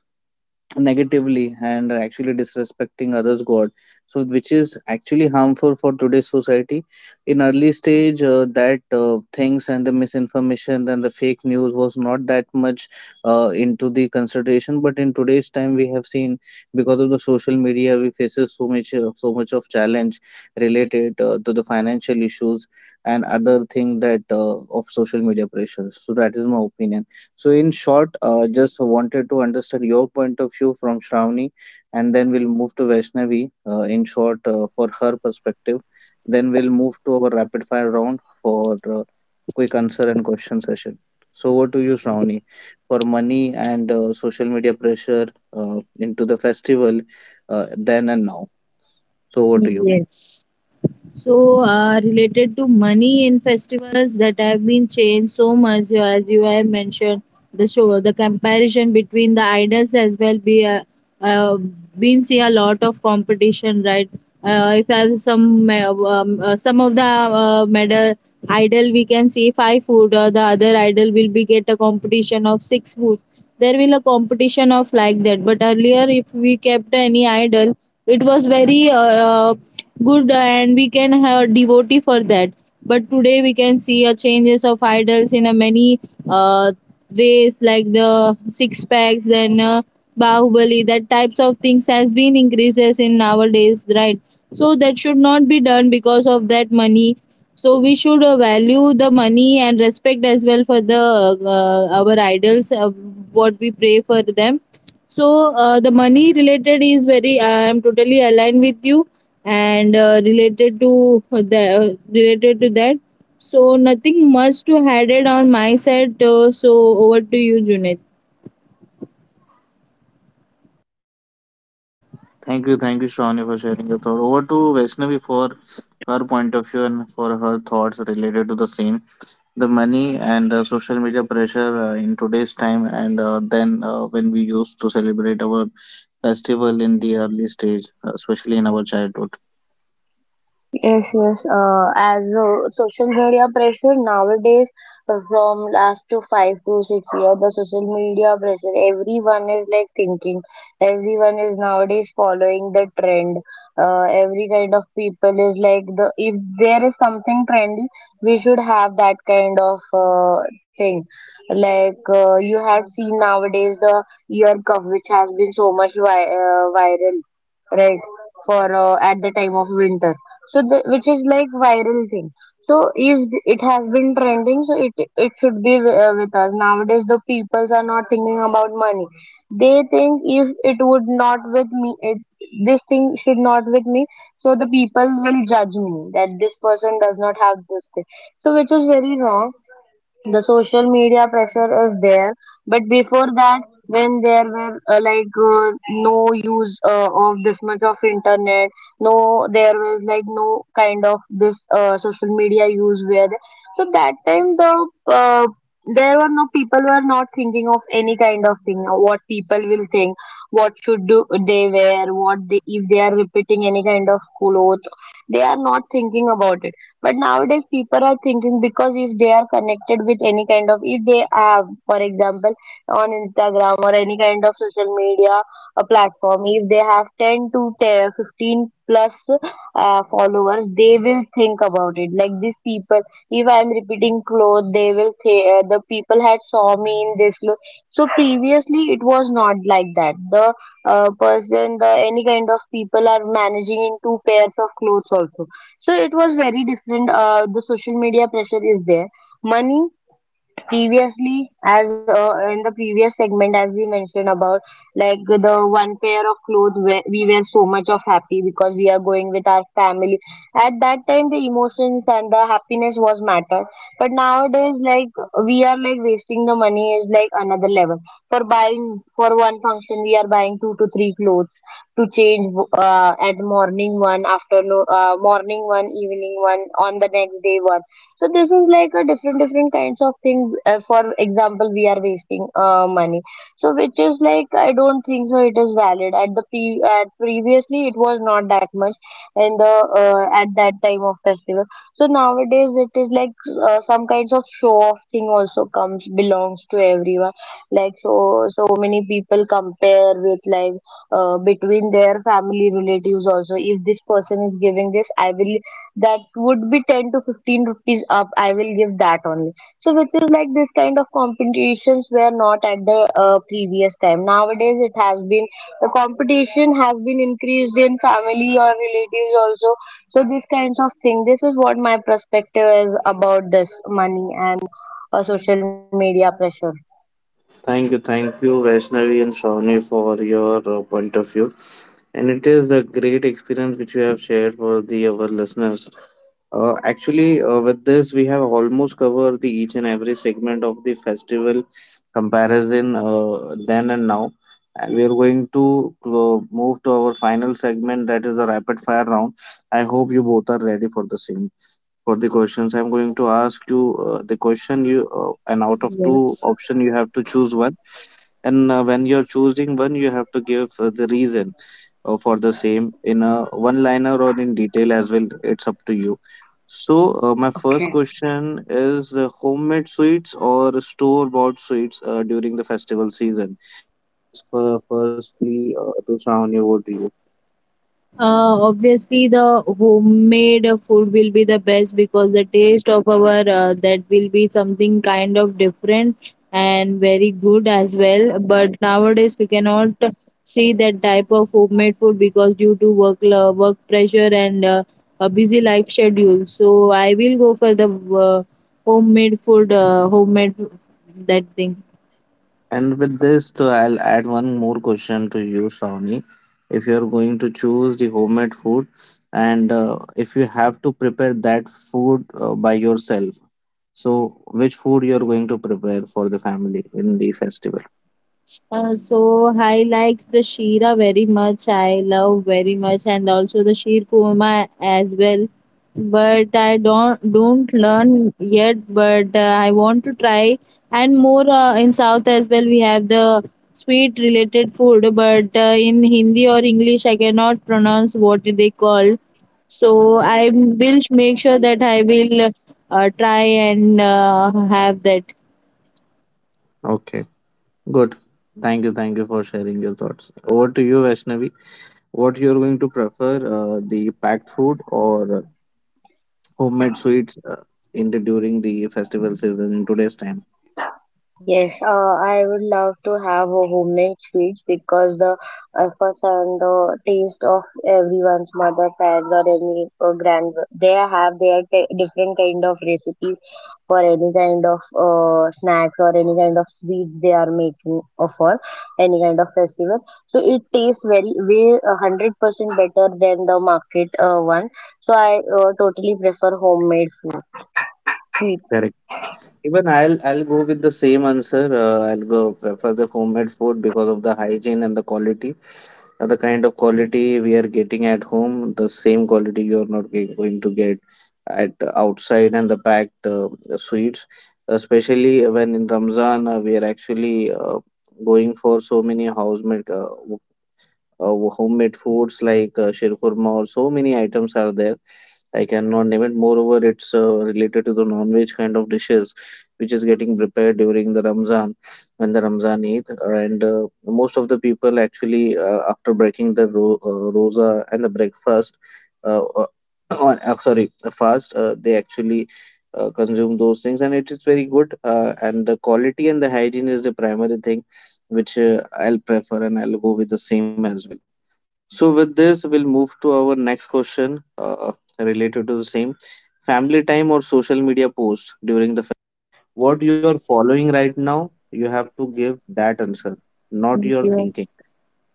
[SPEAKER 1] negatively and actually disrespecting others god, so which is actually harmful for today's society. In early stage that things and the misinformation and the fake news was not that much into the consideration, but in today's time we have seen because of the social media we faces so much of challenge related to the financial issues and other thing that of social media pressures. So that is my opinion. So, in short, just wanted to understand your point of view from Shravani, and then we'll move to Vaishnavi, in short, for her perspective. Then we'll move to our rapid fire round for quick answer and question session. So, over to you, Shravani. For money and social media pressure into the festival, then and now. So, over to you.
[SPEAKER 2] Yes. So, related to money in festivals that have been changed so much, as you have mentioned, the show, the comparison between the idols as well be uh, been see a lot of competition, right? If I have some some of the medal idol, we can see five food. The other idol will be get a competition of six food. There will a competition of like that, but earlier if we kept any idol, it was very good and we can have devotee for that. But today we can see a changes of idols in a many uh, ways like the six packs, then bahubali, that types of things has been increases in nowadays, right? So that should not be done because of that money. So we should value the money and respect as well for the our idols, what we pray for them. So the money related is very I am totally aligned with you, and related to the related to that. So nothing much to added on my side, so over to you, Junaid.
[SPEAKER 1] Thank you, thank you, Shravani, for sharing your thought. Over to Vaishnavi for her point of view and for her thoughts related to the same, the money and social media pressure in today's time, and then when we used to celebrate our festival in the early stage, especially in our childhood.
[SPEAKER 3] Yes, yes. As social media pressure nowadays, from last to 5 to 6 years, the social media pressure, everyone is like thinking, everyone is nowadays following the trend. Every kind of people is like, the if there is something trendy, we should have that kind of thing. Like you have seen nowadays, the ear cuff which has been so much viral, right? For at the time of winter, so the, which is like viral thing. So if it has been trending, so it should be with us. Nowadays the people are not thinking about money, they think if it would not with me, it, this thing should not with me, so the people will judge me that this person does not have this thing, so which is very wrong. The social media pressure is there. But before that, when there were no use of this much of internet, no, there was like no kind of this social media use where. So that time the, there were no, people were not thinking of any kind of thing, what people will think, what should do they wear, what they, if they are repeating any kind of clothes, they are not thinking about it. But nowadays people are thinking, because if they are connected with any kind of, if they have, for example, on Instagram or any kind of social media, a platform, if they have 10 to ten fifteen plus followers, they will think about it. Like these people, if I'm repeating clothes, they will say, the people had saw me in this look. So previously, it was not like that. The person, the any kind of people are managing in 2 pairs of clothes also, so it was very different. The social media pressure is there. Money, previously as in the previous segment as we mentioned about, like the one pair of clothes where we were so much of happy, because we are going with our family, at that time the emotions and the happiness was matter. But nowadays like we are like wasting the money is like another level. For buying for one function, we are buying 2 to 3 clothes to change, at morning one, afternoon, morning one, evening one, on the next day one. So this is like a different different kinds of thing. For example, we are wasting money. So which is like, I don't think so, it is valid. At the pre at previously, it was not that much in the, at that time of festival. So nowadays it is like some kinds of show off thing also comes belongs to everyone. Like so many people compare with, like between their family relatives also. If this person is giving this, I will, that would be 10 to 15 rupees up, I will give that only. So which is like this kind of competitions were not at the previous time. Nowadays it has been, the competition has been increased in family or relatives also. So these kinds of thing, this is what my perspective is about this money and social media pressure.
[SPEAKER 1] Thank you, thank you, Vaishnavi and Shawnee, for your point of view, and it is a great experience which you have shared for the our listeners. Actually, with this, we have almost covered the each and every segment of the festival comparison, then and now. And we are going to move to our final segment, that is the rapid fire round. I hope you both are ready for the same. For the questions, I'm going to ask you the question you and out of two
[SPEAKER 2] Yes.
[SPEAKER 1] option you have to choose one, and when you're choosing one you have to give the reason for the same in a one liner or in detail as well, it's up to you. So my first question is, homemade sweets or store bought sweets during the festival season? For firstly, to Shawni, over to you.
[SPEAKER 2] Obviously, the homemade food will be the best because the taste of our, that will be something kind of different and very good as well. But nowadays, we cannot see that type of homemade food because due to work pressure and a busy life schedule. So I will go for the homemade food, homemade that thing.
[SPEAKER 1] And with this too, I'll add one more question to you, Shawni. If you're going to choose the homemade food, and if you have to prepare that food by yourself, so which food you're going to prepare for the family in the festival?
[SPEAKER 2] So I like the Shira very much. I love very much, and also the Sheer Kurma as well. But I don't learn yet. But I want to try and more in South as well. We have the sweet related food, but in Hindi or English, I cannot pronounce what they call. So I will make sure that I will try and have that.
[SPEAKER 1] Okay. Good. Thank you for sharing your thoughts. Over to you, Vaishnavi. What you're going to prefer, the packed food or homemade sweets in the during the festival season in today's time?
[SPEAKER 3] Yes, I would love to have a homemade sweets because the efforts and the taste of everyone's mother, friends, or any grand, they have their different kind of recipes for any kind of snacks or any kind of sweets they are making, or for any kind of festival. So it tastes very way 100% better than the market one. So I totally prefer homemade food.
[SPEAKER 1] Even I'll go with the same answer. I'll go prefer the homemade food because of the hygiene and the quality. The kind of quality we are getting at home, the same quality you are not going to get at outside and the packed sweets. Especially when in Ramzan, we are actually going for so many housemade homemade foods like shirkurma, or so many items are there I cannot name it. Moreover, it's related to the non-veg kind of dishes, which is getting prepared during the Ramzan and the Ramzan Eid. And most of the people actually, after breaking the rosa and the breakfast, uh, uh, on, sorry, the fast, they actually consume those things, and it is very good. And the quality and the hygiene is the primary thing, which I'll prefer, and I'll go with the same as well. So, with this, we'll move to our next question, related to the same, family time or social media post during the festival. What you are following right now, you have to give that answer, not your thinking.
[SPEAKER 2] Yes.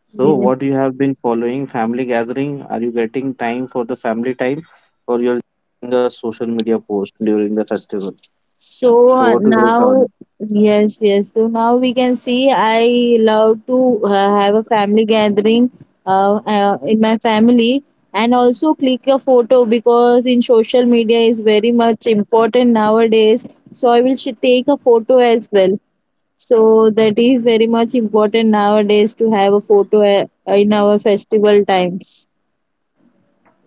[SPEAKER 1] So,
[SPEAKER 2] Yes.
[SPEAKER 1] what you have been following, family gathering, are you getting time for the family time, or you're doing a social media post during the festival?
[SPEAKER 2] So
[SPEAKER 1] So,
[SPEAKER 2] uh,
[SPEAKER 1] what do you say?
[SPEAKER 2] now, yes, yes. So now we can see I love to have a family gathering in my family, and also click a photo because in social media is very much important nowadays. So I will take a photo as well. So that is very much important nowadays to have a photo in our festival times.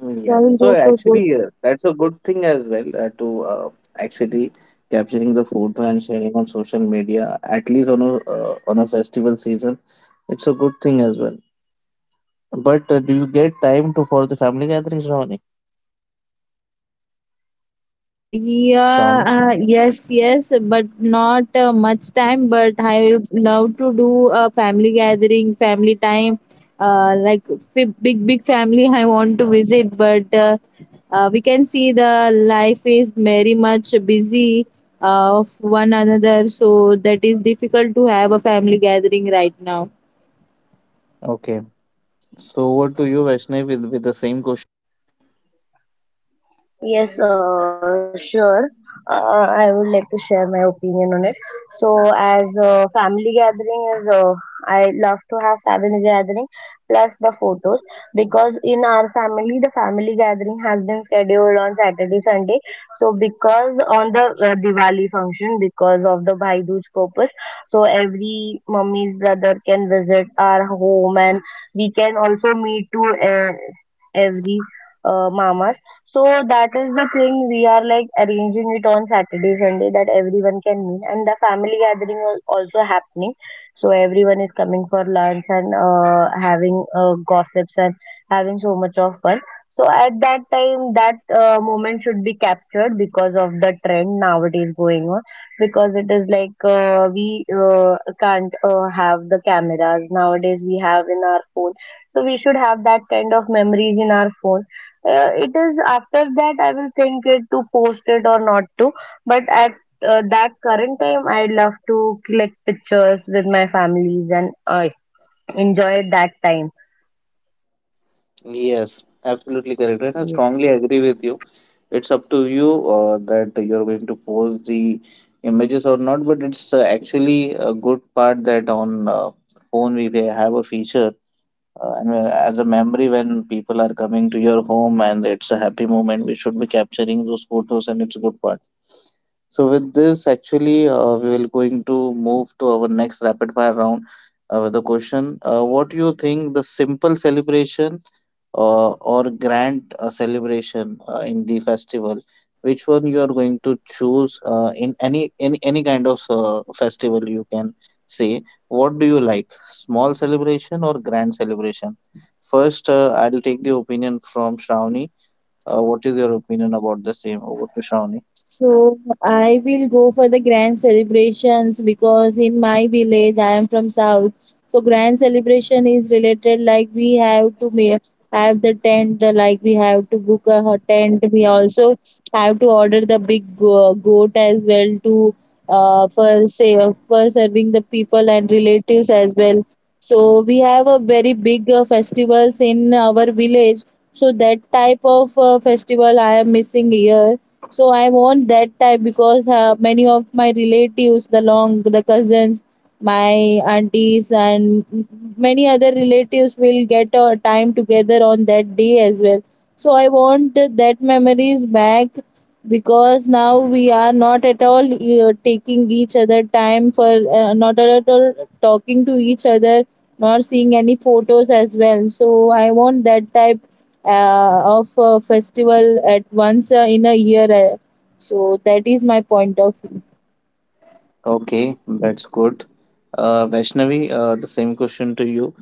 [SPEAKER 1] Mm,
[SPEAKER 2] So I
[SPEAKER 1] yes.
[SPEAKER 2] will
[SPEAKER 1] So
[SPEAKER 2] go for both.
[SPEAKER 1] actually, that's a good thing as well to uh, actually capturing the photo and sharing on social media, at least on a festival season. It's a good thing as well. But do you get time to for the family gatherings, Shravani?
[SPEAKER 2] Yeah,
[SPEAKER 1] Shravani.
[SPEAKER 2] yes, yes, but not much time. But I love to do a family gathering, family time, like big, big family. I want to visit, but we can see the life is very much busy of one another, so that is difficult to have a family gathering right now.
[SPEAKER 1] Okay. So what do you, Vaishnavi, with the same?
[SPEAKER 3] Yes, sure. I would like to share my opinion on it. So, as a family gathering is, I love to have family gathering plus the photos. In our family the family gathering has been scheduled on Saturday, Sunday. So, because on the Diwali function, because of the Bhai Dooj purpose, so every mummy's brother can visit our home, and we can also meet to, uh, every mama. So that is the thing we are like arranging it on Saturday, Sunday, that everyone can meet, and the family gathering is also happening. So everyone is coming for lunch and having gossips and having so much of fun. So at that time, that moment should be captured because of the trend nowadays going on. Because it is like we can't have the cameras, nowadays we have in our phone. So we should have that kind of memories in our phone. It is after that I will think it to post it or not to. But at that current time, I love to collect pictures with my families and I enjoy that time.
[SPEAKER 1] Yes, absolutely correct. And I strongly agree with you. It's up to you that you're going to post the images or not, but it's actually a good part that on phone we may have a feature. And as a memory, when people are coming to your home and it's a happy moment, we should be capturing those photos, and it's a good part. So with this, actually, we will going to move to our next rapid fire round with the question. What do you think, the simple celebration or grand celebration in the festival? Which one you are going to choose in any kind of festival, you can say. What do you like? Small celebration or grand celebration? First, I'll take the opinion from Shravani. What is your opinion about the same? Over to Shravani.
[SPEAKER 2] So I will go for the grand celebrations because in my village I am from south. So grand celebration is related like we have to have the tent, like we have to book a hot tent. We also have to order the big goat as well to for say for serving the people and relatives as well. So we have a very big festivals in our village. So that type of festival I am missing here, so I want that type because many of my relatives, the long, the cousins, my aunties, and many other relatives will get a time together on that day as well. So I want that memories back because now we are not at all taking each other time for not at all talking to each other, not seeing any photos as well. So I want that type of a festival at once in a year. So that is my point of view.
[SPEAKER 1] Okay, that's good. Vaishnavi, the same question to you.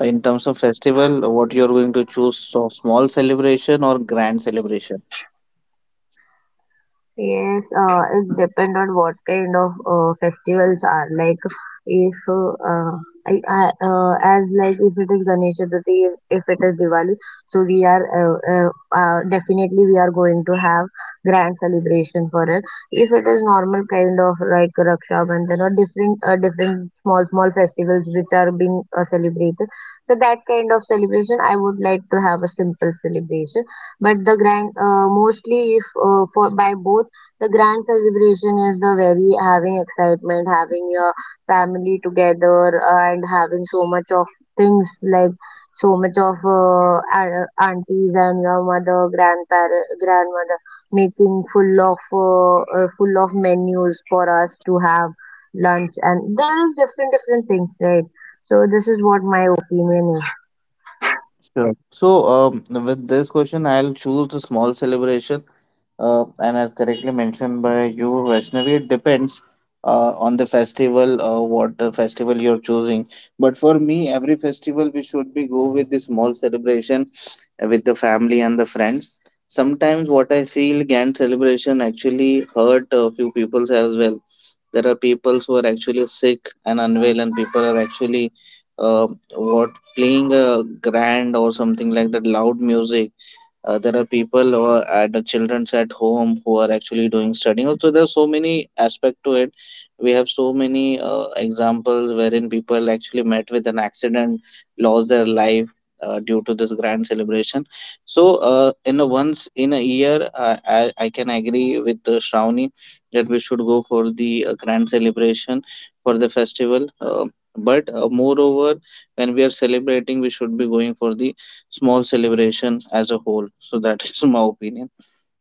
[SPEAKER 1] In terms of festival, what you're going to choose, so small celebration or grand celebration?
[SPEAKER 3] Yes, it's depend on what kind of festivals are like. If I, as like if it is Ganesh Chaturthi, if it is Diwali, so we are definitely we are going to have grand celebration for it. If it is normal kind of like Raksha Bandhan or different, different small small festivals which are being celebrated, so that kind of celebration I would like to have a simple celebration. But the grand mostly, if for by both, the grand celebration is the very having excitement, having your family together and having so much of things like so much of aunties and your mother, grandparent, grandmother, making full of menus for us to have lunch, and there is different different things, right? So this is what my opinion is.
[SPEAKER 1] Sure. So, with this question, I'll choose the small celebration. And as correctly mentioned by you, Vaishnavi, it depends on the festival, what the festival you're choosing. But for me, every festival we should be go with the small celebration with the family and the friends. Sometimes what I feel grand celebration actually hurt a few peoples as well. There are people who are actually sick and unwell, and people are actually uh, what playing a grand or something like that loud music. There are people who are at the children's at home who are actually doing studying. Also, there are so many aspect to it. We have so many examples wherein people actually met with an accident, lost their life due to this grand celebration. So, in a once in a year, I can agree with Shravani that we should go for the grand celebration for the festival. But moreover, when we are celebrating, we should be going for the small celebration as a whole. So that is my opinion.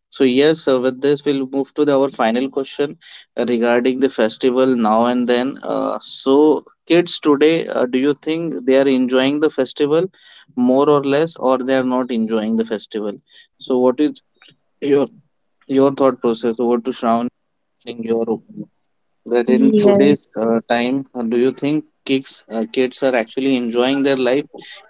[SPEAKER 1] So yes, with this we'll move to our final question regarding the festival now and then. So kids today, do you think they are enjoying the festival more or less, or they are not enjoying the festival? So what is your your thought process? Over to Shravan, your opinion that in
[SPEAKER 2] Yes,
[SPEAKER 1] today's time, do you think kids kids are actually enjoying their life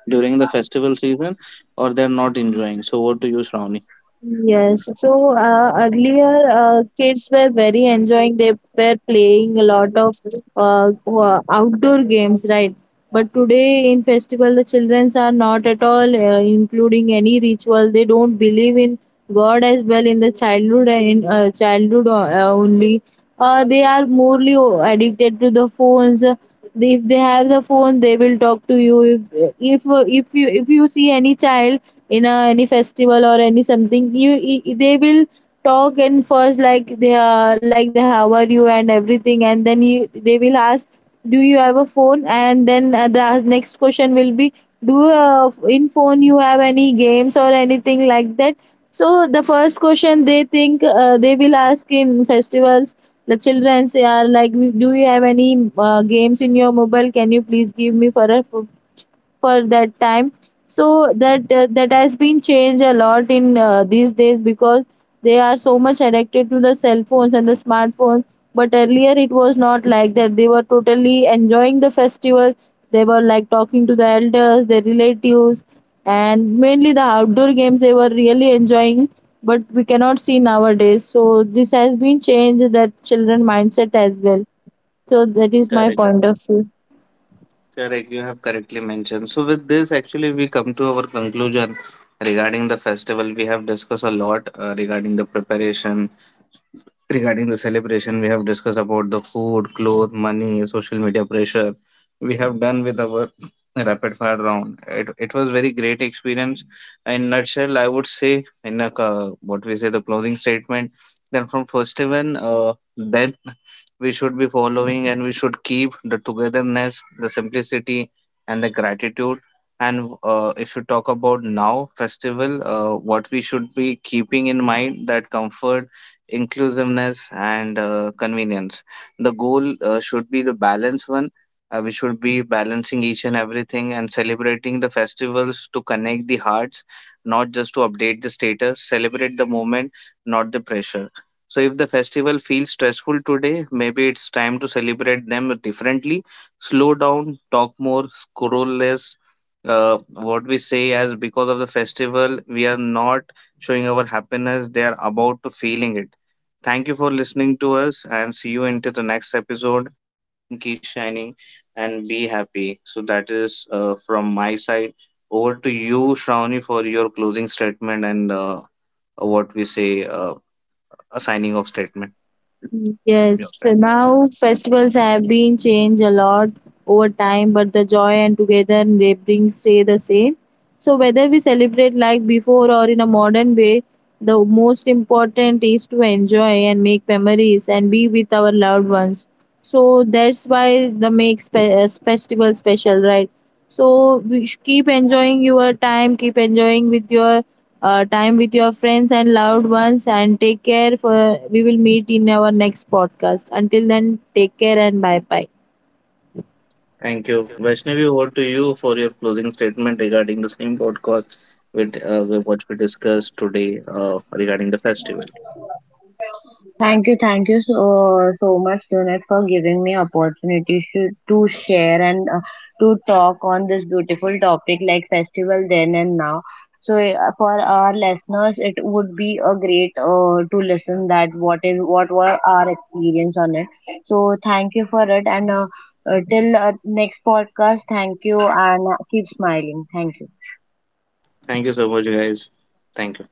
[SPEAKER 1] during the festival season, or they're not enjoying? So, what do you, Shravani?
[SPEAKER 2] yes. So earlier, kids were very enjoying. They were playing a lot of outdoor games, right? But today in festival the childrens are not at all including any ritual, they don't believe in god as well in the childhood, and in childhood only they are morely addicted to the phones. If they have the phone they will talk to you. If if you, if you see any child in a, any festival or any something, they will talk and first, like they are like they, how are you and everything, and then you they will ask, do you have a phone? And then the next question will be, do in phone you have any games or anything like that? So the first question they think they will ask in festivals, the children say are like, do you have any games in your mobile? Can you please give me for a for that time? So that has been changed a lot in these days because they are so much addicted to the cell phones and the smartphones. But earlier it was not like that, they were totally enjoying the festival. They were like talking to the elders, their relatives, and mainly the outdoor games they were really enjoying. But we cannot see nowadays, so this has been changed, that children mindset as well. So that is my
[SPEAKER 1] Correct,
[SPEAKER 2] point of view.
[SPEAKER 1] correct. You have correctly mentioned. So with this, actually, we come to our conclusion regarding the festival. We have discussed a lot regarding the preparation, regarding the celebration. We have discussed about the food, clothes, money, social media pressure. We have done with our rapid fire round. It was very great experience. In nutshell I would say, in a, what we say, the closing statement, then from first event, then we should be following, and we should keep the togetherness, the simplicity, and the gratitude. And if you talk about now festival, what we should be keeping in mind, that comfort, inclusiveness, and convenience. The goal should be the balanced one. We should be balancing each and everything, and celebrating the festivals to connect the hearts, not just to update the status, celebrate the moment, not the pressure. So, if the festival feels stressful today, maybe it's time to celebrate them differently. Slow down, talk more, scroll less, what we say, as because of the festival we are not showing our happiness, they are about to feeling it. Thank you for listening to us, and see you into the next episode. Keep shining and be happy. So that is from my side. Over to you, Shravani, for your closing statement and what we say, a signing off statement. Your
[SPEAKER 2] Yes,
[SPEAKER 1] side.
[SPEAKER 2] so now festivals have been changed a lot over time, but the joy and together they bring stay the same. So whether we celebrate like before or in a modern way, the most important is to enjoy and make memories and be with our loved ones. So that's why the makes festival special, right? So we keep enjoying your time, keep enjoying with your time with your friends and loved ones. And take care. For we will meet in our next podcast. Until then, take care and bye bye.
[SPEAKER 1] Thank you. Vaishnavi, over to you for your closing statement regarding the same podcast with what we discussed today regarding the festival.
[SPEAKER 3] Thank you so, so much, Junet, for giving me opportunity to share and, to talk on this beautiful topic like festival then and now. So for our listeners, it would be a great to listen that what is what were our experience on it. So thank you for it, and till next podcast, thank you and keep smiling. Thank you.
[SPEAKER 1] Thank you so much, guys. Thank you.